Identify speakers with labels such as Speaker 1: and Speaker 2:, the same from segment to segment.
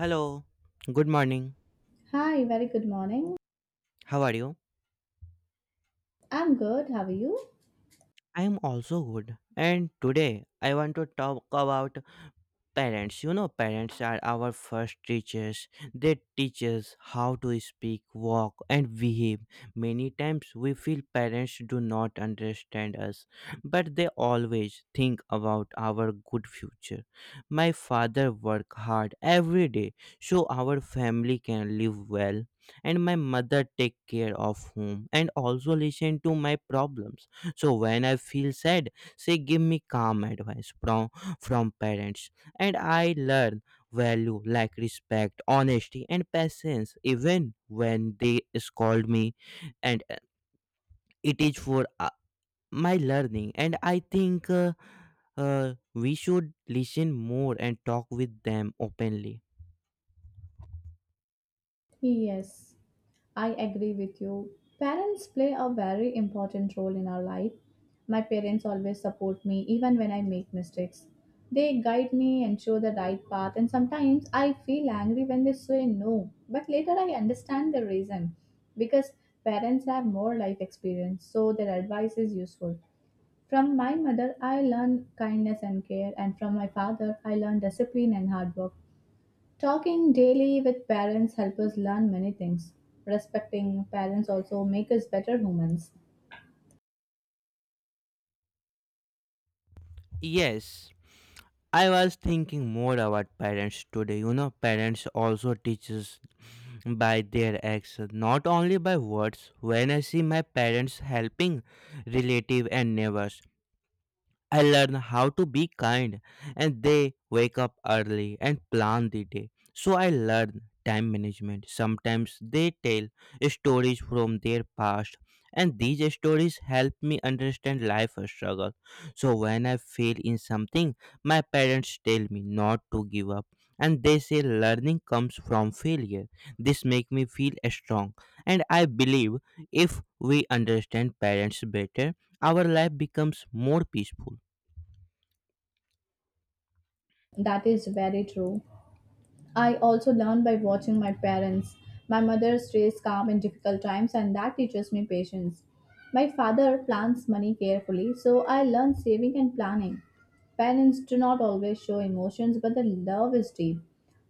Speaker 1: Hello, good morning.
Speaker 2: Hi, very good morning.
Speaker 1: How are you?
Speaker 2: I'm good. How are you?
Speaker 1: I am also good. And today I want to talk about parents. You know, parents are our first teachers. They teach us how to speak, walk, and behave. Many times we feel parents do not understand us, but they always think about our good future. My father worked hard every day so our family can live well, and my mother take care of home and also listen to my problems. So when I feel sad, she give me calm advice from parents and I learn value like respect, honesty, and patience even when they scold me, and it is for my learning. And I think we should listen more and talk with them openly.
Speaker 2: Yes, I agree with you. Parents play a very important role in our life. My parents always support me even when I make mistakes. They guide me and show the right path, and sometimes I feel angry when they say no. But later I understand the reason because parents have more life experience, so their advice is useful. From my mother, I learned kindness and care, and from my father, I learned discipline and hard work. Talking daily with parents help us learn many things. Respecting parents also make us better humans.
Speaker 1: Yes, I was thinking more about parents today. You know, parents also teaches by their actions, not only by words. When I see my parents helping relative and neighbors, I learn how to be kind, and they wake up early and plan the day. So I learn time management. Sometimes they tell stories from their past and these stories help me understand life struggle. So when I fail in something, my parents tell me not to give up and they say learning comes from failure. This make me feel strong and I believe if we understand parents better, our life becomes more peaceful.
Speaker 2: That is very true. I also learned by watching my parents. My mother stays calm in difficult times, and that teaches me patience. My father plans money carefully, so I learn saving and planning. Parents do not always show emotions, but the love is deep.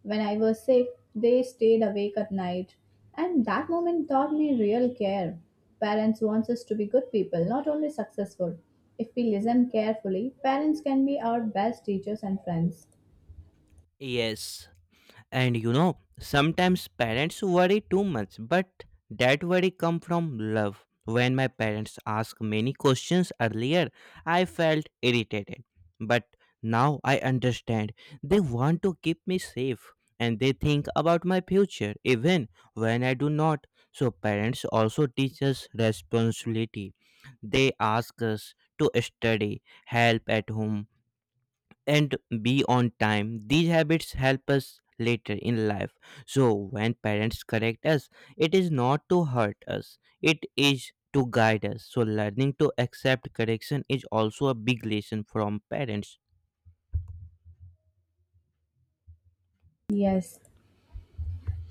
Speaker 2: When I was sick, they stayed awake at night, and that moment taught me real care. Parents want us to be good people, not only successful. If we listen carefully, parents can be our best teachers and friends.
Speaker 1: Yes, and you know, sometimes parents worry too much, but that worry come from love. When my parents asked many questions earlier, I felt irritated, but now I understand. They want to keep me safe and they think about my future even when I do not. So parents also teach us responsibility. They ask us to study, help at home, and be on time. These habits help us later in life. So when parents correct us, it is not to hurt us. It is to guide us. So learning to accept correction is also a big lesson from parents.
Speaker 2: Yes,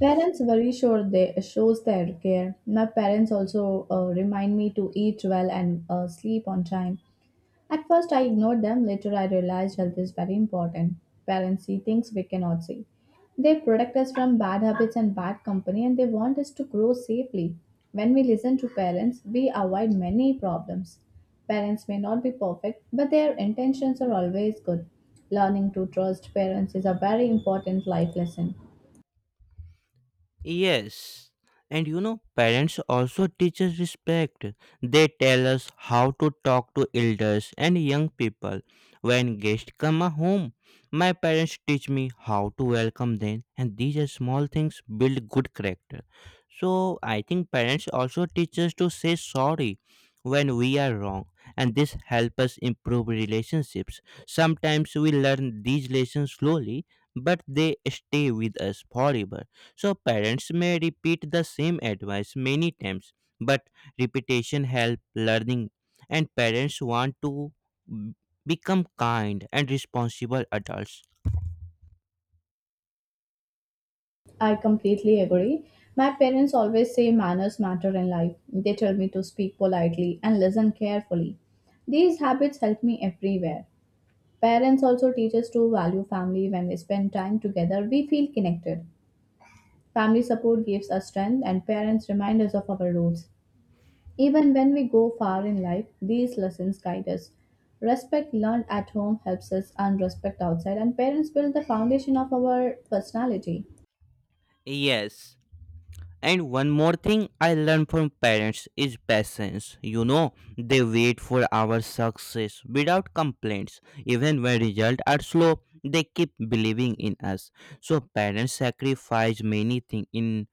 Speaker 2: parents worry sure they shows their care. My parents also remind me to eat well and sleep on time. At first, I ignored them. Later, I realized health is very important. Parents see things we cannot see. They protect us from bad habits and bad company, and they want us to grow safely. When we listen to parents, we avoid many problems. Parents may not be perfect, but their intentions are always good. Learning to trust parents is a very important life lesson.
Speaker 1: Yes. And you know, parents also teach us respect. They tell us how to talk to elders and young people. When guests come a home, my parents teach me how to welcome them, and these are small things build good character. So I think parents also teach us to say sorry when we are wrong, and this help us improve relationships. Sometimes we learn these lessons slowly, but they stay with us forever. So parents may repeat the same advice many times, but repetition helps learning, and parents want to b- become kind and responsible adults.
Speaker 2: I completely agree. My parents always say manners matter in life. They tell me to speak politely and listen carefully. These habits help me everywhere. Parents also teach us to value family. When we spend time together, we feel connected. Family support gives us strength, and parents remind us of our roots. Even when we go far in life, these lessons guide us. Respect learned at home helps us earn respect outside, and parents build the foundation of our personality.
Speaker 1: Yes, and one more thing I learned from parents is patience. You know, they wait for our success without complaints. Even when results are slow, they keep believing in us. So parents sacrifice many things in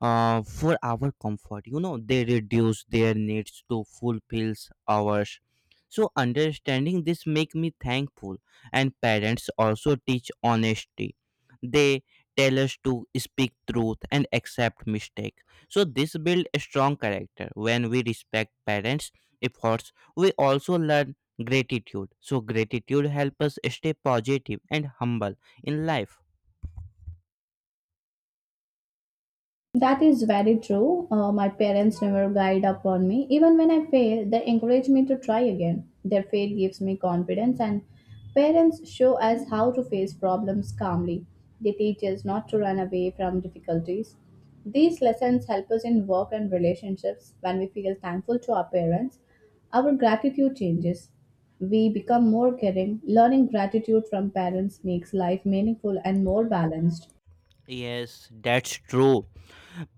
Speaker 1: for our comfort. You know, they reduce their needs to fulfill ours. So understanding this make me thankful. And parents also teach honesty. They tell us to speak truth and accept mistake, so this build a strong character. When we respect parents efforts, we also learn gratitude. So gratitude help us stay positive and humble in life.
Speaker 2: That is very true. My parents never guide up on me. Even when I fail, they encourage me to try again. Their faith gives me confidence, and parents show us how to face problems calmly. They teach us not to run away from difficulties. These lessons help us in work and relationships. When we feel thankful to our parents, our gratitude changes. We become more caring. Learning gratitude from parents makes life meaningful and more balanced.
Speaker 1: Yes, that's true.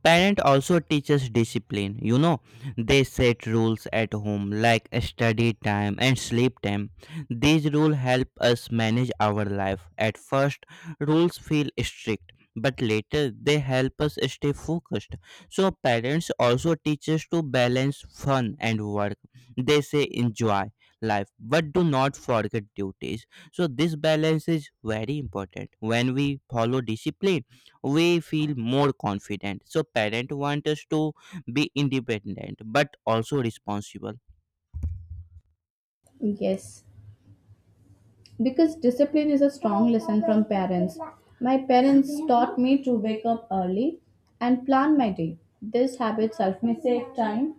Speaker 1: Parent also teaches discipline. You know, they set rules at home like study time and sleep time. These rules help us manage our life. At first, rules feel strict, but later they help us stay focused. So parents also teach us to balance fun and work. They say enjoy life but do not forget duties. So this balance is very important. When we follow discipline, we feel more confident. So parents want us to be independent but also responsible.
Speaker 2: Yes, because discipline is a strong lesson from parents. My parents taught me to wake up early and plan my day. This habit helps me save time.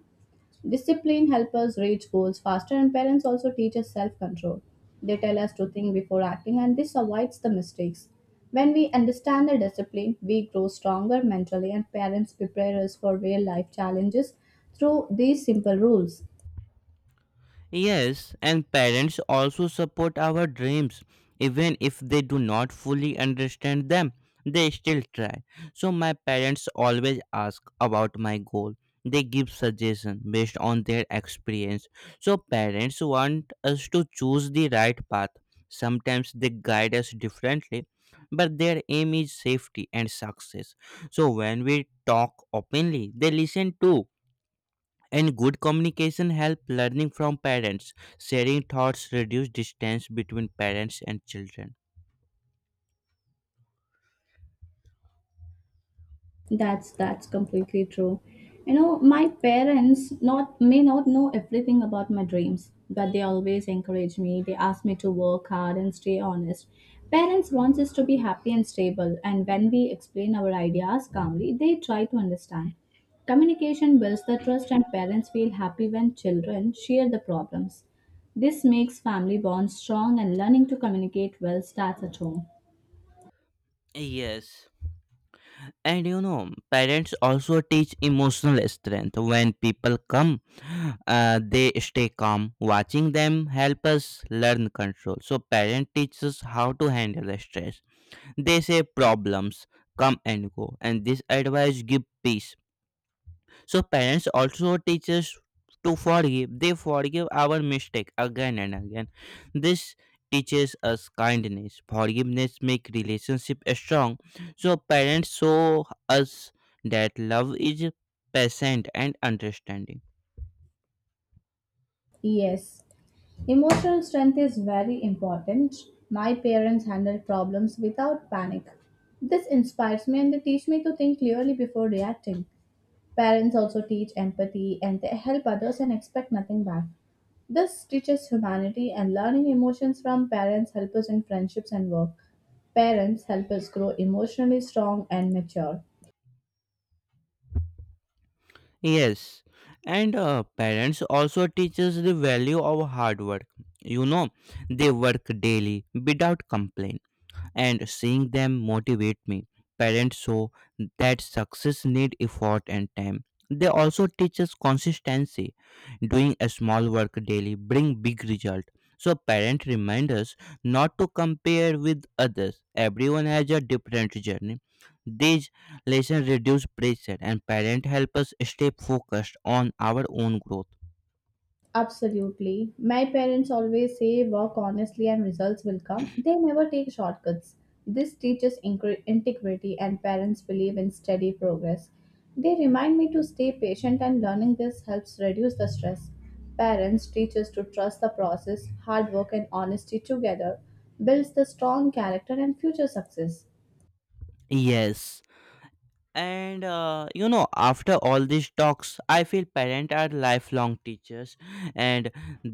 Speaker 2: Discipline helps us reach goals faster, and parents also teach us self control. They tell us to think before acting, and this avoids the mistakes. When we understand the discipline, we grow stronger mentally, and parents prepare us for real life challenges through these simple rules.
Speaker 1: Yes, and parents also support our dreams, even if they do not fully understand them. They still try. So my parents always ask about my goal. They give suggestions based on their experience. So parents want us to choose the right path. Sometimes they guide us differently, but their aim is safety and success. So when we talk openly, they listen too, and good communication help learning from parents. Sharing thoughts reduce distance between parents and children.
Speaker 2: That's completely true. You know, my parents not may not know everything about my dreams, but they always encourage me. They ask me to work hard and stay honest. Parents want us to be happy and stable, and when we explain our ideas calmly, they try to understand. Communication builds the trust, and parents feel happy when children share the problems. This makes family bonds strong, and learning to communicate well starts at home.
Speaker 1: Yes. And you know, parents also teach emotional strength. When people come they stay calm. Watching them help us learn control. So parent teaches how to handle stress. They say problems come and go, and this advice give peace. So parents also teach us to forgive. They forgive our mistake again and again. This teaches us kindness. Forgiveness make relationship strong. So parents show us that love is patient and understanding.
Speaker 2: Yes, emotional strength is very important. My parents handled problems without panic. This inspires me and they teach me to think clearly before reacting. Parents also teach empathy and they help others and expect nothing back. This teaches humanity and learning emotions from parents help us in friendships and work. Parents help us grow emotionally strong and mature.
Speaker 1: Yes, and parents also teach us the value of hard work. You know, they work daily without complaint and seeing them motivate me. Parents show that success need effort and time. They also teach us consistency. Doing a small work daily bring big result. So parents remind us not to compare with others. Everyone has a different journey. These lessons reduce pressure, and parents help us stay focused on our own growth.
Speaker 2: Absolutely. My parents always say work honestly and results will come. They never take shortcuts. This teaches integrity, and parents believe in steady progress. They remind me to stay patient, and learning this helps reduce the stress. Parents teach us to trust the process, hard work, and honesty together builds the strong character and future success.
Speaker 1: Yes. And you know, after all these talks, I feel parents are lifelong teachers and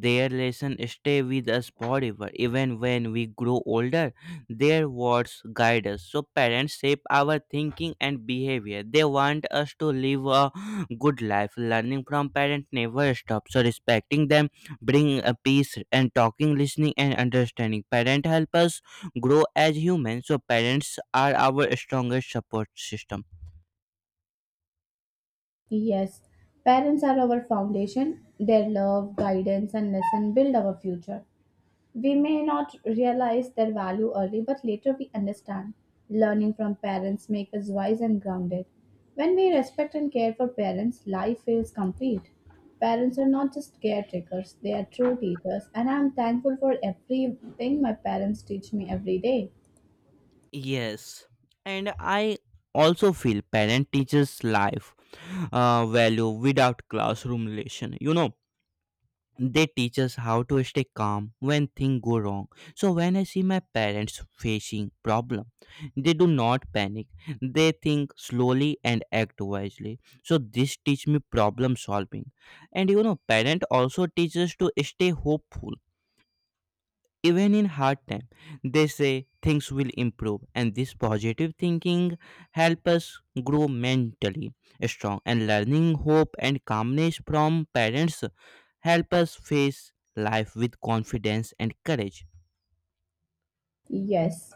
Speaker 1: their lesson stay with us forever. Even when we grow older, their words guide us. So parents shape our thinking and behavior. They want us to live a good life. Learning from parents never stops. So respecting them bring a peace, and talking, listening, and understanding parents help us grow as humans. So parents are our strongest support system.
Speaker 2: Yes, parents are our foundation. Their love, guidance, and lesson build our future. We may not realize their value early, but later we understand. Learning from parents makes us wise and grounded. When we respect and care for parents, life feels complete. Parents are not just caretakers, they are true teachers, and I am thankful for everything my parents teach me every day.
Speaker 1: Yes, and I also feel parent teaches life value without classroom relation. You know, they teach us how to stay calm when things go wrong. So when I see my parents facing problem, they do not panic. They think slowly and act wisely. So this teach me problem solving. And you know, parent also teaches to stay hopeful even in hard time. They say things will improve, and this positive thinking help us grow mentally strong. And learning hope and calmness from parents help us face life with confidence and courage.
Speaker 2: Yes,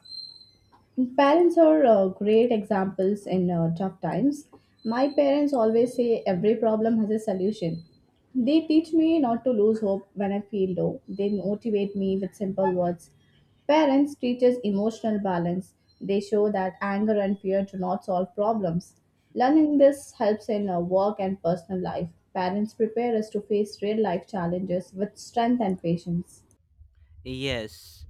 Speaker 2: parents are great examples in tough times. My parents always say every problem has a solution. They teach me not to lose hope when I feel low. They motivate me with simple words. Parents teach us emotional balance. They show that anger and fear do not solve problems. Learning this helps in work and personal life. Parents prepare us to face real life challenges with strength and patience.
Speaker 1: Yes.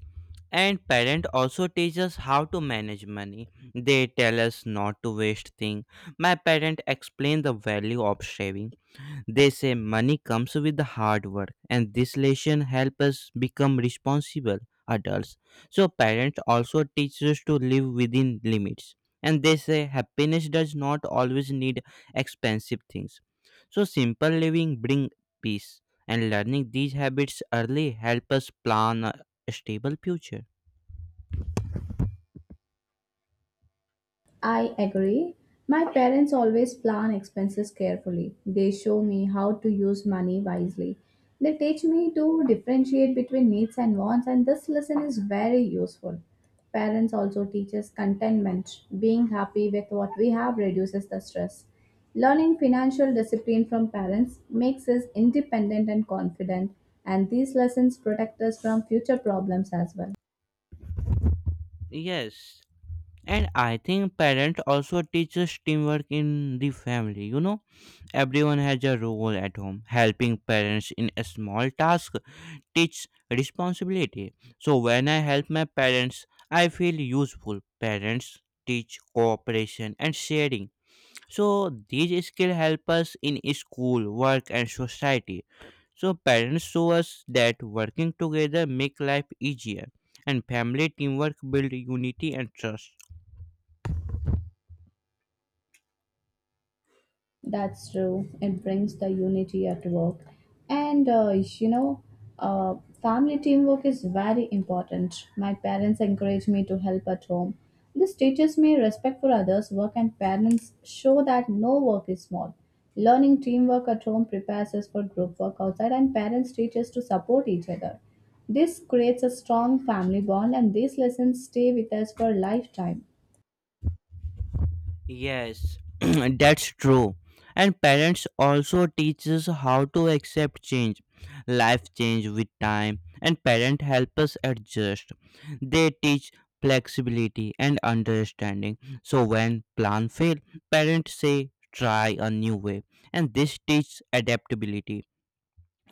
Speaker 1: And parent also teach us how to manage money. They tell us not to waste things. My parent explained the value of saving. They say money comes with the hard work, and this lesson helps us become responsible adults. So, parents also teach us to live within limits. And they say happiness does not always need expensive things. So, simple living brings peace, and learning these habits early help us plan a stable future.
Speaker 2: I agree. My parents always plan expenses carefully. They show me how to use money wisely. They teach me to differentiate between needs and wants, and this lesson is very useful. Parents also teach us contentment. Being happy with what we have reduces the stress. Learning financial discipline from parents makes us independent and confident, and these lessons protect us from future problems as well.
Speaker 1: Yes, and I think parents also teaches teamwork in the family. You know, everyone has a role at home. Helping parents in a small task teach responsibility. So when I help my parents, I feel useful. Parents teach cooperation and sharing, so these skills help us in school work and society. So parents show us that working together make life easier, and family teamwork build unity and trust.
Speaker 2: That's true. It brings the unity at work. And uh, you know, uh, Family teamwork is very important. My parents encourage me to help at home. This teaches me respect for others' work, and parents show that no work is small. Learning teamwork at home prepares us for group work outside, and parents teach us to support each other. This creates a strong family bond, and these lessons stay with us for a lifetime.
Speaker 1: Yes, that's true. And parents also teach us how to accept change. Life change with time and parents help us adjust. They teach flexibility and understanding. So when plan fail, parents say try a new way, and this teaches adaptability.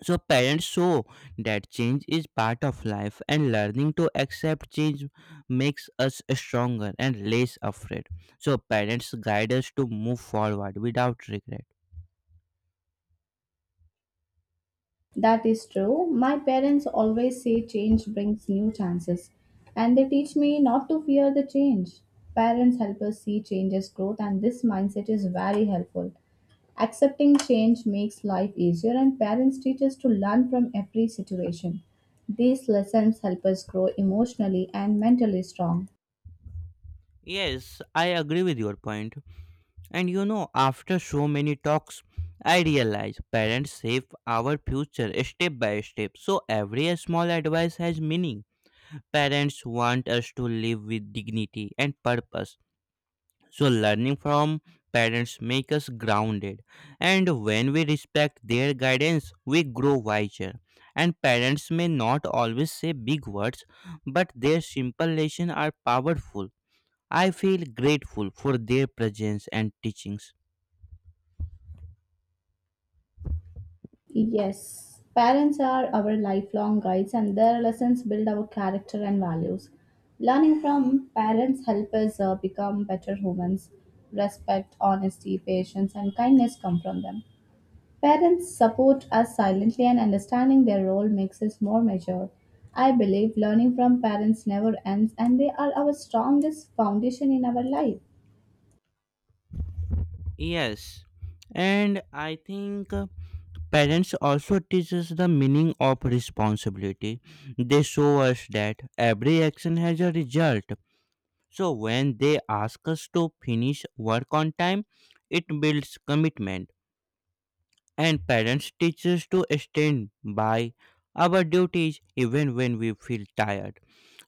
Speaker 1: So parents show that change is part of life, and learning to accept change makes us stronger and less afraid. So parents guide us to move forward without regret.
Speaker 2: That is true. My parents always say change brings new chances, and they teach me not to fear the change. Parents help us see change as growth, and this mindset is very helpful. Accepting change makes life easier, and parents teach us to learn from every situation. These lessons help us grow emotionally and mentally strong.
Speaker 1: Yes, I agree with your point. And you know, after so many talks, I realize parents save our future step by step. So every small advice has meaning. Parents want us to live with dignity and purpose. So, learning from parents make us grounded, and when we respect their guidance, we grow wiser. And parents may not always say big words, but their simple lessons are powerful. I feel grateful for their presence and teachings.
Speaker 2: Yes, parents are our lifelong guides and their lessons build our character and values. Learning from parents help us become better humans. Respect, honesty, patience and kindness come from them. Parents support us silently and understanding their role makes us more mature. I believe learning from parents never ends and they are our strongest foundation in our life.
Speaker 1: Yes, and I think. Parents also teach us the meaning of responsibility. They show us that every action has a result. So when they ask us to finish work on time, it builds commitment, and parents teach us to stand by our duties even when we feel tired.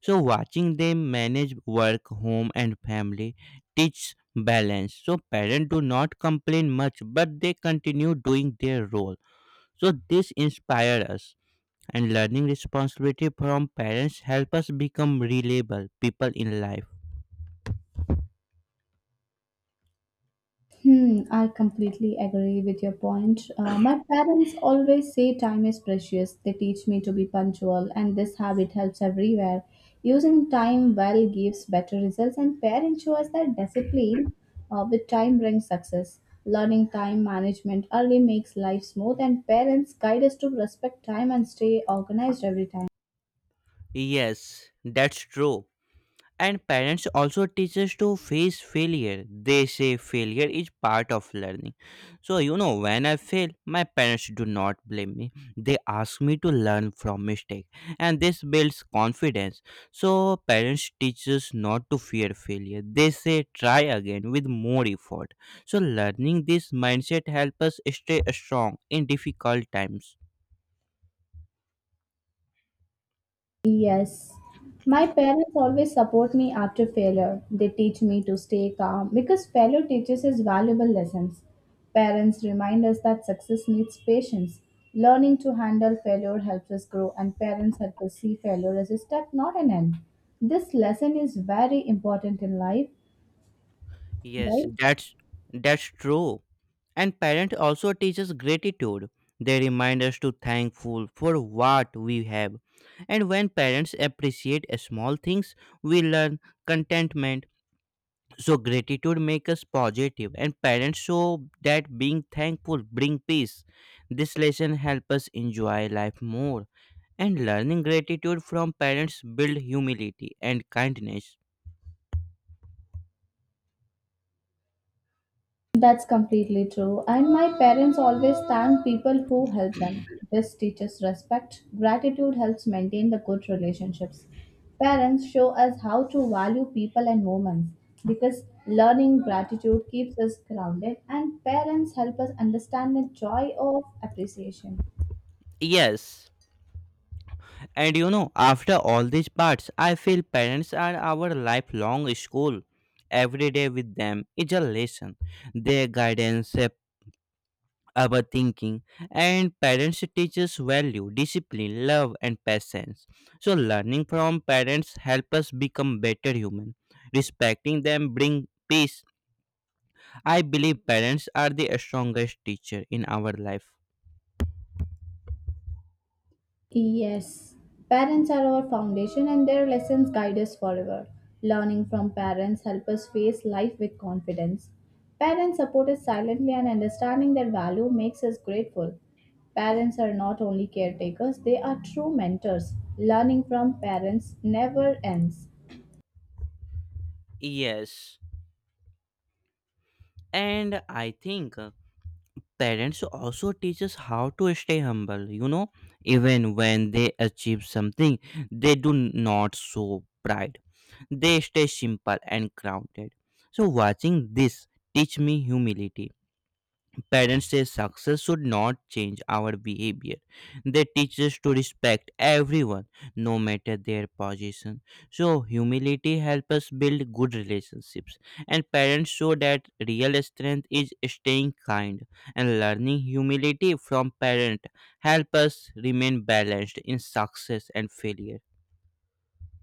Speaker 1: So watching them manage work, home and family teaches balance. So parents do not complain much but they continue doing their role. So this inspires us, and learning responsibility from parents help us become reliable people in life.
Speaker 2: Hmm, I completely agree with your point. My parents always say time is precious. They teach me to be punctual, and this habit helps everywhere. Using time well gives better results, and parents show us that discipline with time brings success. Learning time management early makes life smooth, and parents guide us to respect time and stay organized every time.
Speaker 1: Yes, that's true. And parents also teach us to face failure. They say failure is part of learning. So, you know, when I fail, my parents do not blame me. They ask me to learn from mistake. And this builds confidence. So, parents teach us not to fear failure. They say try again with more effort. So, learning this mindset helps us stay strong in difficult times.
Speaker 2: Yes. My parents always support me after failure. They teach me to stay calm because failure teaches us valuable lessons. Parents remind us that success needs patience. Learning to handle failure helps us grow, and parents help us see failure as a step, not an end. This lesson is very important in life,
Speaker 1: Yes,
Speaker 2: right?
Speaker 1: that's true. And parent also teaches gratitude. They remind us to thankful for what we have. And when parents appreciate small things, we learn contentment. So gratitude makes us positive, and parents show that being thankful bring peace. This lesson helps us enjoy life more. And learning gratitude from parents build humility and kindness.
Speaker 2: That's completely true. And my parents always thank people who help them. This teaches respect. Gratitude helps maintain the good relationships. Parents show us how to value people and moments because learning gratitude keeps us grounded and parents help us understand the joy of appreciation.
Speaker 1: Yes. And you know, after all these parts, I feel parents are our lifelong school. Every day with them is a lesson. Their guidance shape our thinking, and parents teach us value, discipline, love, and patience. So, learning from parents help us become better human. Respecting them bring peace. I believe parents are the strongest teacher in our life.
Speaker 2: Yes, parents are our foundation and their lessons guide us forever. Learning from parents help us face life with confidence. Parents support us silently and understanding their value makes us grateful. Parents are not only caretakers, they are true mentors. Learning from parents never ends.
Speaker 1: Yes, and I think. Parents also teach us how to stay humble, you know, even when they achieve something, they do not show pride. They stay simple and grounded. So watching this teach me humility. Parents say success should not change our behavior. They teach us to respect everyone, no matter their position. So humility helps us build good relationships. And parents show that real strength is staying kind, and learning humility from parent help us remain balanced in success and failure.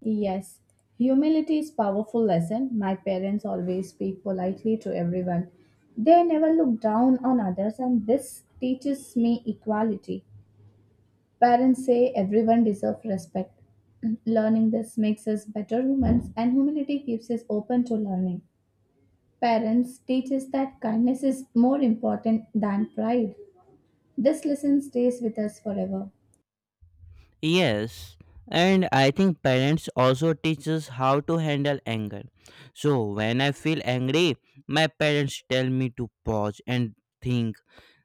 Speaker 2: Yes, humility is powerful lesson. My parents always speak politely to everyone. They never look down on others and this teaches me equality. Parents say everyone deserves respect. Learning this makes us better humans, and humility keeps us open to learning. Parents teach us that kindness is more important than pride. This lesson stays with us forever.
Speaker 1: Yes, and I think parents also teach us how to handle anger. So when I feel angry, my parents tell me to pause and think.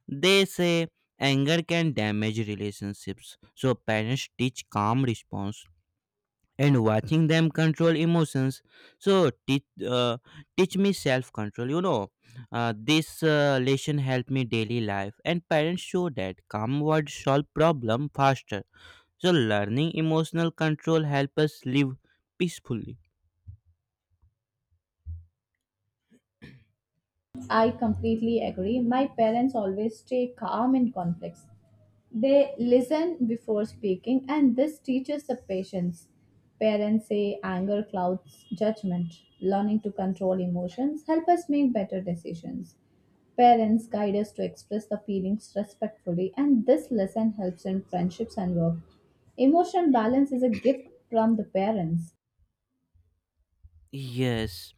Speaker 1: They say anger can damage relationships. So parents teach calm response and watching them control emotions. So teach me self control. You know, this lesson help me daily life, and parents show that calm words solve problem faster, so learning emotional control helps us live peacefully.
Speaker 2: I completely agree. My parents always stay calm in conflicts. They listen before speaking, and this teaches the patience. Parents say anger clouds judgment. Learning to control emotions help us make better decisions. Parents guide us to express the feelings respectfully, and this lesson helps in friendships and work. Emotional balance is a gift from the parents.
Speaker 1: Yes.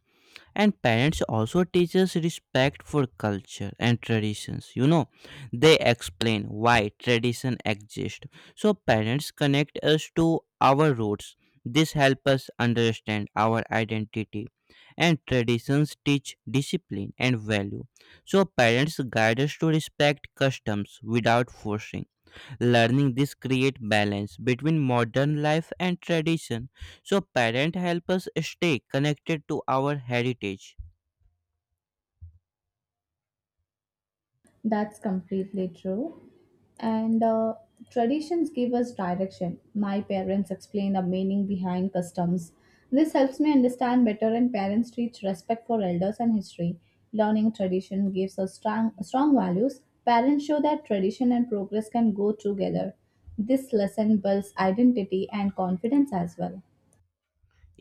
Speaker 1: And parents also teach us respect for culture and traditions. You know, they explain why tradition exist. So parents connect us to our roots. This helps us understand our identity. And traditions teach discipline and value. So parents guide us to respect customs without forcing. Learning this create balance between modern life and tradition, so parent help us stay connected to our heritage.
Speaker 2: That's completely true. And Traditions give us direction. My parents explain the meaning behind customs. This helps me understand better, and parents teach respect for elders and history. Learning tradition gives us strong values. Parents show that tradition and progress can go together. This lesson builds identity and confidence as well.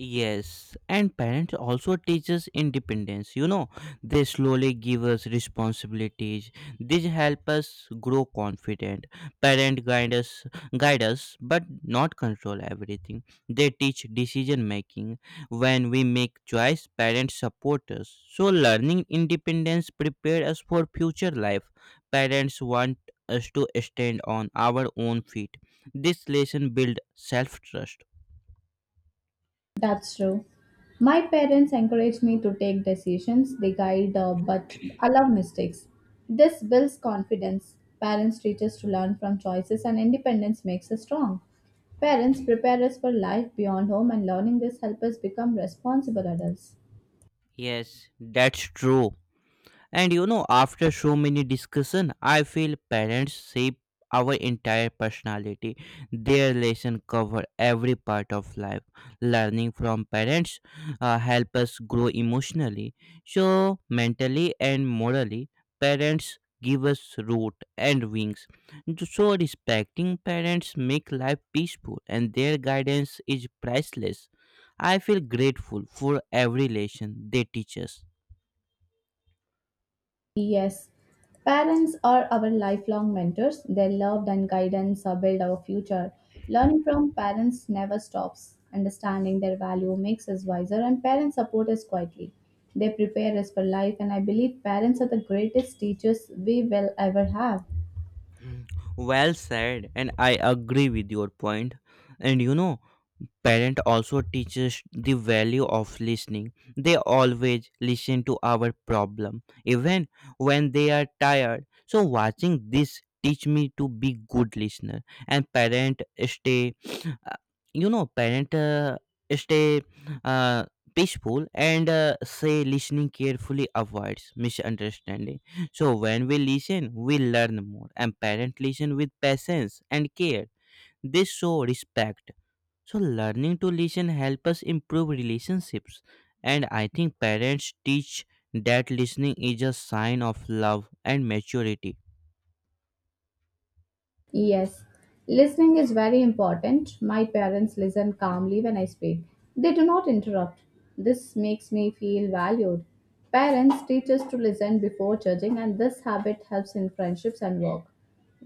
Speaker 1: Yes, and parents also teach us independence. You know, they slowly give us responsibilities. These help us grow confident. Parent guide us, but not control everything. They teach decision making. When we make choice, parents support us. So learning independence prepare us for future life. Parents want us to stand on our own feet. This lesson build self trust.
Speaker 2: That's true. My parents encourage me to take decisions. They guide but allow mistakes. This builds confidence. Parents teach us to learn from choices, and independence makes us strong. Parents prepare us for life beyond home, and learning this helps us become responsible adults.
Speaker 1: Yes, that's true. And you know, after so many discussion, I feel parents shape our entire personality. Their lesson cover every part of life. Learning from parents help us grow emotionally, so mentally and morally. Parents give us root and wings. So respecting parents make life peaceful, and their guidance is priceless. I feel grateful for every lesson they teach us.
Speaker 2: Yes, parents are our lifelong mentors. Their love and guidance are build our future. Learning from parents never stops. Understanding their value makes us wiser, and parents support us quietly. They prepare us for life, and I believe parents are the greatest teachers we will ever have.
Speaker 1: Well said, and I agree with your point. And you know, parent also teaches the value of listening. They always listen to our problem even when they are tired, so watching this teach me to be good listener. And parent stay uh, you know parent stay uh, peaceful and say listening carefully avoids misunderstanding. So when we listen we learn more, and parent listen with patience and care. They show respect, so learning to listen help us improve relationships. And I think parents teach that listening is a sign of love and maturity.
Speaker 2: Yes, listening is very important. My parents listen calmly when I speak. They do not interrupt. This makes me feel valued. Parents teach us to listen before judging, and this habit helps in friendships and work.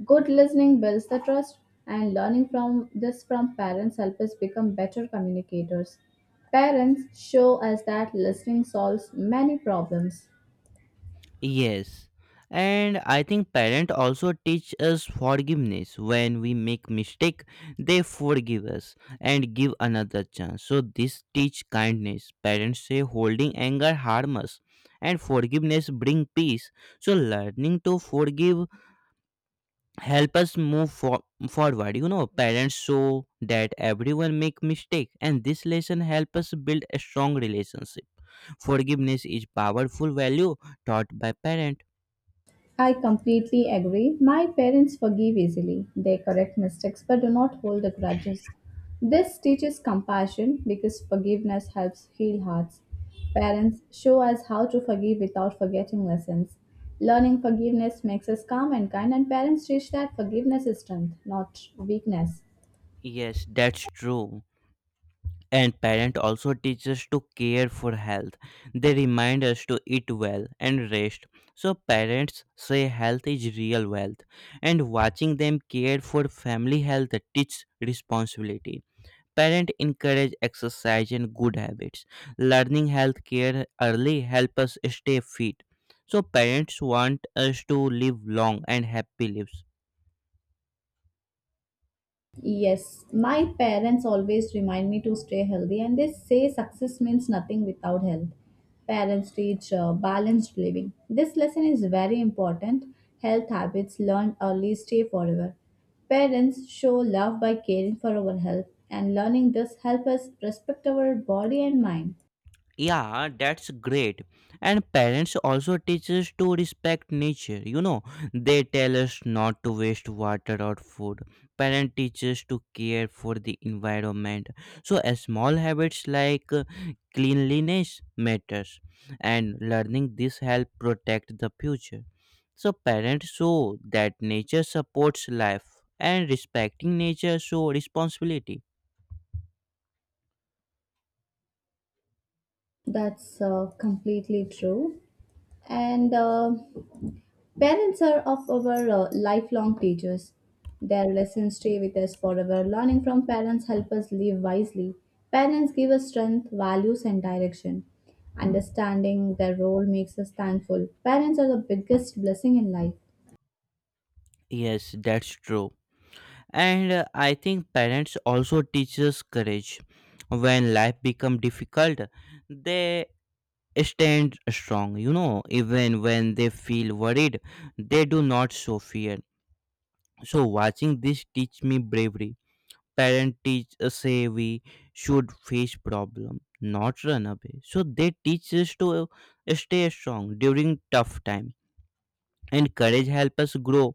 Speaker 2: Good listening builds the trust, and learning from this from parents help us become better communicators. Parents show us that listening solves many problems.
Speaker 1: Yes. And I think parents also teach us forgiveness. When we make mistake, they forgive us and give another chance. So this teach kindness. Parents say holding anger harm us and forgiveness bring peace. So learning to forgive help us move forward. You know, parents show that everyone make mistake, and this lesson help us build a strong relationship. Forgiveness is powerful value taught by parent.
Speaker 2: I completely agree. My parents forgive easily. They correct mistakes but do not hold the grudges. This teaches compassion because forgiveness helps heal hearts. Parents show us how to forgive without forgetting lessons. Learning forgiveness makes us calm and kind, and parents teach that forgiveness is strength, not weakness.
Speaker 1: Yes, that's true. And parent also teach us to care for health. They remind us to eat well and rest. So parents say health is real wealth, and watching them care for family health teach responsibility. Parents encourage exercise and good habits. Learning health care early help us stay fit. So parents want us to live long and happy lives.
Speaker 2: Yes, my parents always remind me to stay healthy, and they say success means nothing without health. Parents teach balanced living. This lesson is very important. Health habits learned early stay forever. Parents show love by caring for our health, and learning this helps us respect our body and mind.
Speaker 1: Yeah, that's great. And parents also teach us to respect nature. You know, they tell us not to waste water or food. Parent teaches to care for the environment. So, small habits like cleanliness matters, and learning this help protect the future. So, parents show that nature supports life, and respecting nature show responsibility.
Speaker 2: That's completely true. And parents are of our lifelong teachers. Their lessons stay with us forever. Learning from parents help us live wisely. Parents give us strength, values, and direction. Understanding their role makes us thankful. Parents are the biggest blessing in life.
Speaker 1: Yes, that's true. And I think parents also teach us courage. When life become difficult, they stand strong. You know, even when they feel worried, they do not show fear, so watching this teach me bravery. Parent teach us say we should face problem not run away. So they teach us to stay strong during tough time, and courage help us grow.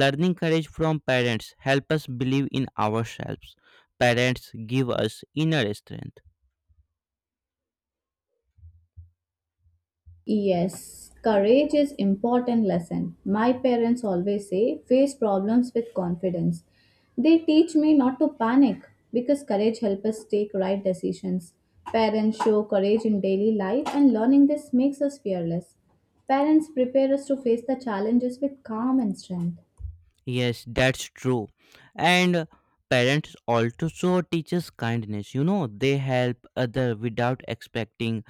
Speaker 1: Learning courage from parents help us believe in ourselves. Parents give us inner strength.
Speaker 2: Yes, courage is important lesson. My parents always say face problems with confidence. They teach me not to panic because courage helps us take right decisions. Parents show courage in daily life and learning this makes us fearless. Parents prepare us to face the challenges with calm and strength.
Speaker 1: Yes, that's true. And parents also teaches kindness. You know, they help other without expecting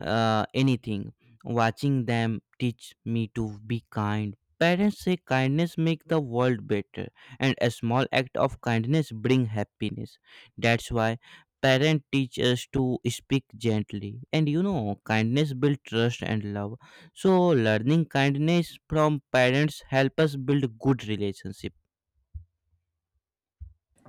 Speaker 1: anything. Watching them teach me to be kind. Parents say kindness make the world better, and a small act of kindness bring happiness. That's why parents teach us to speak gently. And you know, kindness build trust and love. So learning kindness from parents help us build good relationship.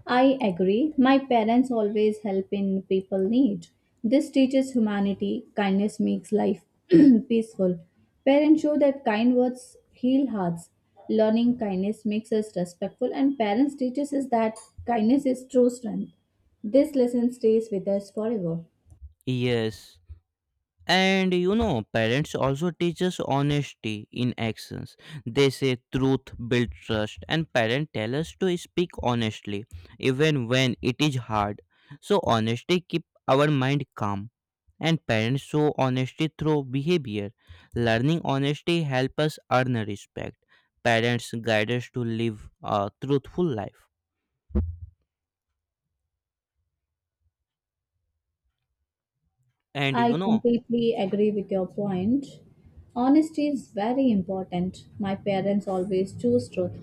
Speaker 2: I agree. My parents always help in people need. This teaches humanity. Kindness makes life peaceful. Parents show that kind words heal hearts. Learning kindness makes us respectful, and parents teaches us that kindness is true strength. This lesson stays with us forever.
Speaker 1: Yes. And you know, parents also teach us honesty in actions. They say truth build trust, and parents tell us to speak honestly even when it is hard. So honesty keep our mind calm, and parents show honesty through behavior. Learning honesty help us earn respect. Parents guide us to live a truthful life. And
Speaker 2: I
Speaker 1: you know,
Speaker 2: completely agree with your point. Honesty is very important. My parents always choose truth.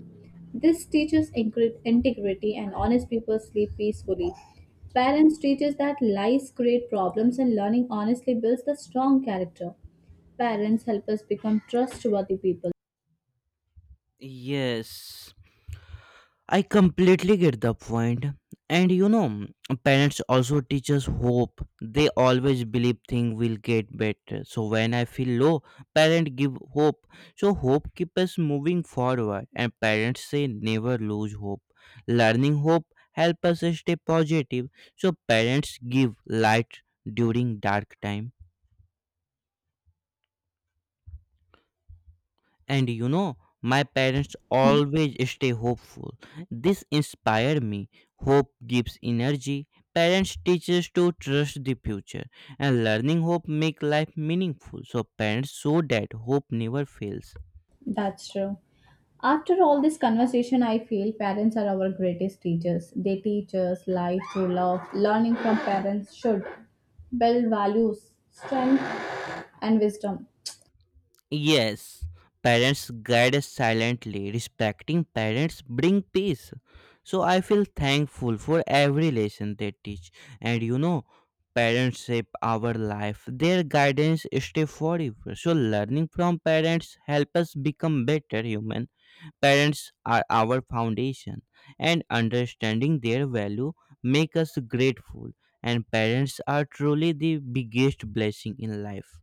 Speaker 2: This teaches integrity and honest people sleep peacefully. Parents teach us that lies create problems and learning honestly builds the strong character. Parents help us become trustworthy people.
Speaker 1: yes, I completely get the point. And you know, parents also teach us hope. They always believe things will get better. So when I feel low, parents give hope. So hope keeps us moving forward. And parents say never lose hope. Learning hope help us stay positive. So parents give light during dark time. And you know, my parents always stay hopeful. This inspired me. Hope gives energy. Parents teach us to trust the future, and learning hope make life meaningful. So parents show that hope never fails.
Speaker 2: That's true. After all this conversation, I feel parents are our greatest teachers. They teach us life through love. Learning from parents should build values, strength, and wisdom.
Speaker 1: Yes, parents guide us silently. Respecting parents bring peace. So I feel thankful for every lesson they teach. And you know, parents shape our life. Their guidance stay forever. So learning from parents help us become better human. Parents are our foundation, and understanding their value make us grateful. And parents are truly the biggest blessing in life.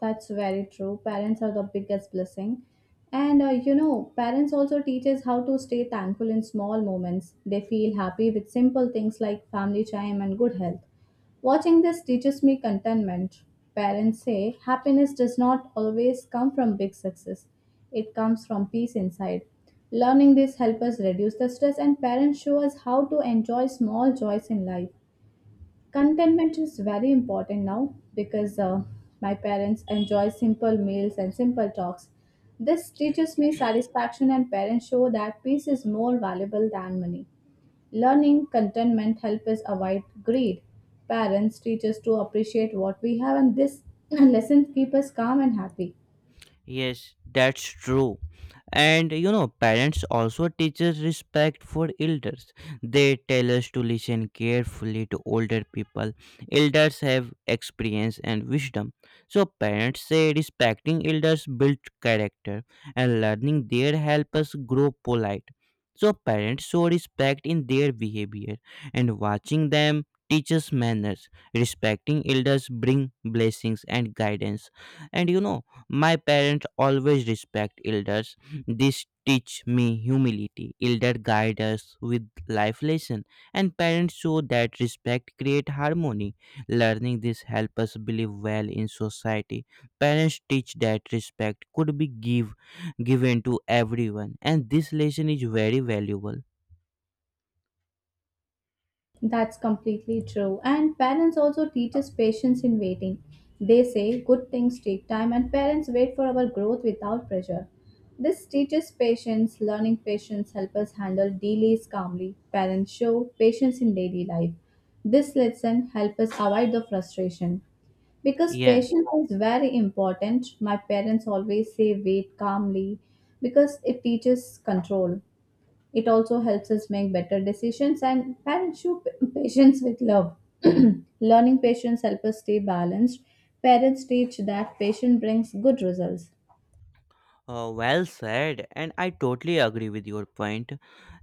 Speaker 2: That's very true. Parents are the biggest blessing. And you know, parents also teach us how to stay thankful in small moments. They feel happy with simple things like family time and good health. Watching this teaches me contentment. Parents say happiness does not always come from big success, it comes from peace inside. Learning this helps us reduce the stress, and parents show us how to enjoy small joys in life. Contentment is very important now because my parents enjoy simple meals and simple talks. This teaches me satisfaction, and parents show that peace is more valuable than money. Learning contentment helps us avoid greed. Parents teach us to appreciate what we have, and this lesson keeps us calm and happy.
Speaker 1: Yes, that's true. And you know, parents also teach us respect for elders. They tell us to listen carefully to older people. Elders have experience and wisdom, so parents say respecting elders build character, and learning their help us grow polite. So parents show respect in their behavior, and watching them teaches manners. Respecting elders bring blessings and guidance. And you know, my parents always respect elders. This teach me humility. Elder guide us with life lesson, and parents show that respect create harmony. Learning this help us believe well in society. Parents teach that respect could be given to everyone, and this lesson is very valuable.
Speaker 2: That's completely true. And parents also teach us patience in waiting. They say good things take time, and parents wait for our growth without pressure. This teaches patience, learning patience helps us handle delays calmly. Parents show patience in daily life. This lesson helps us avoid the frustration. Because
Speaker 1: Yes.
Speaker 2: patience is very important, my parents always say wait calmly because it teaches control. It also helps us make better decisions and parents show patience with love. Learning patience helps us stay balanced. Parents teach that patience brings good results.
Speaker 1: Well said, and I totally agree with your point.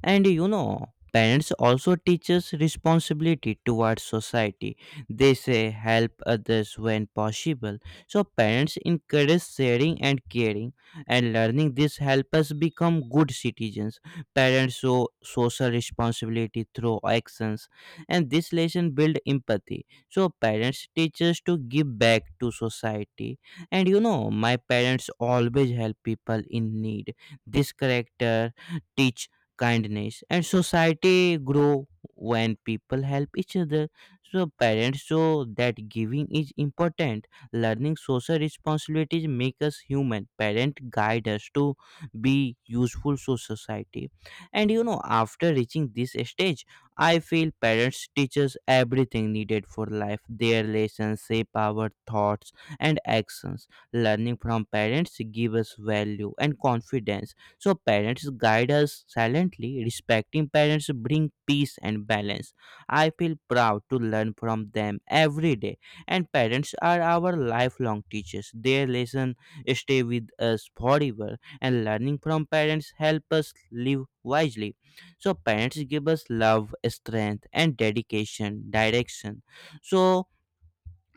Speaker 1: And you know, parents also teach us responsibility towards society. They say help others when possible. So parents encourage sharing and caring, and learning this help us become good citizens. Parents show social responsibility through actions, and this lesson build empathy. So parents teach us to give back to society. And you know, my parents always help people in need. This character teach kindness, and society grow when people help each other. So parents show that giving is important. Learning social responsibilities make us human. Parent guide us to be useful to society. And you know, after reaching this stage, I feel parents teach us everything needed for life. Their lessons shape our thoughts and actions. Learning from parents give us value and confidence. So parents guide us silently. Respecting parents bring peace and balance. I feel proud to learn from them every day. And parents are our lifelong teachers. Their lesson stay with us forever. And learning from parents help us live wisely. So parents give us love, strength, and dedication, direction. So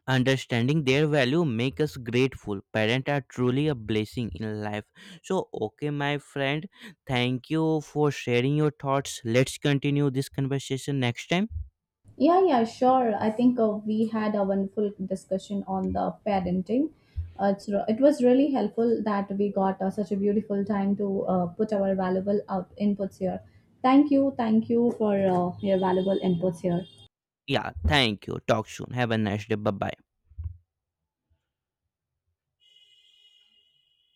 Speaker 1: understanding their value make us grateful. Parents are truly a blessing in life. So okay, my friend, thank you for sharing your thoughts. Let's continue this conversation next time.
Speaker 2: Yeah, yeah, sure. I think we had a wonderful discussion on the parenting. It's, it was really helpful that we got such a beautiful time to put our valuable out inputs here. Thank you for your valuable inputs here.
Speaker 1: Yeah, thank you. Talk soon. Have a nice day. Bye bye.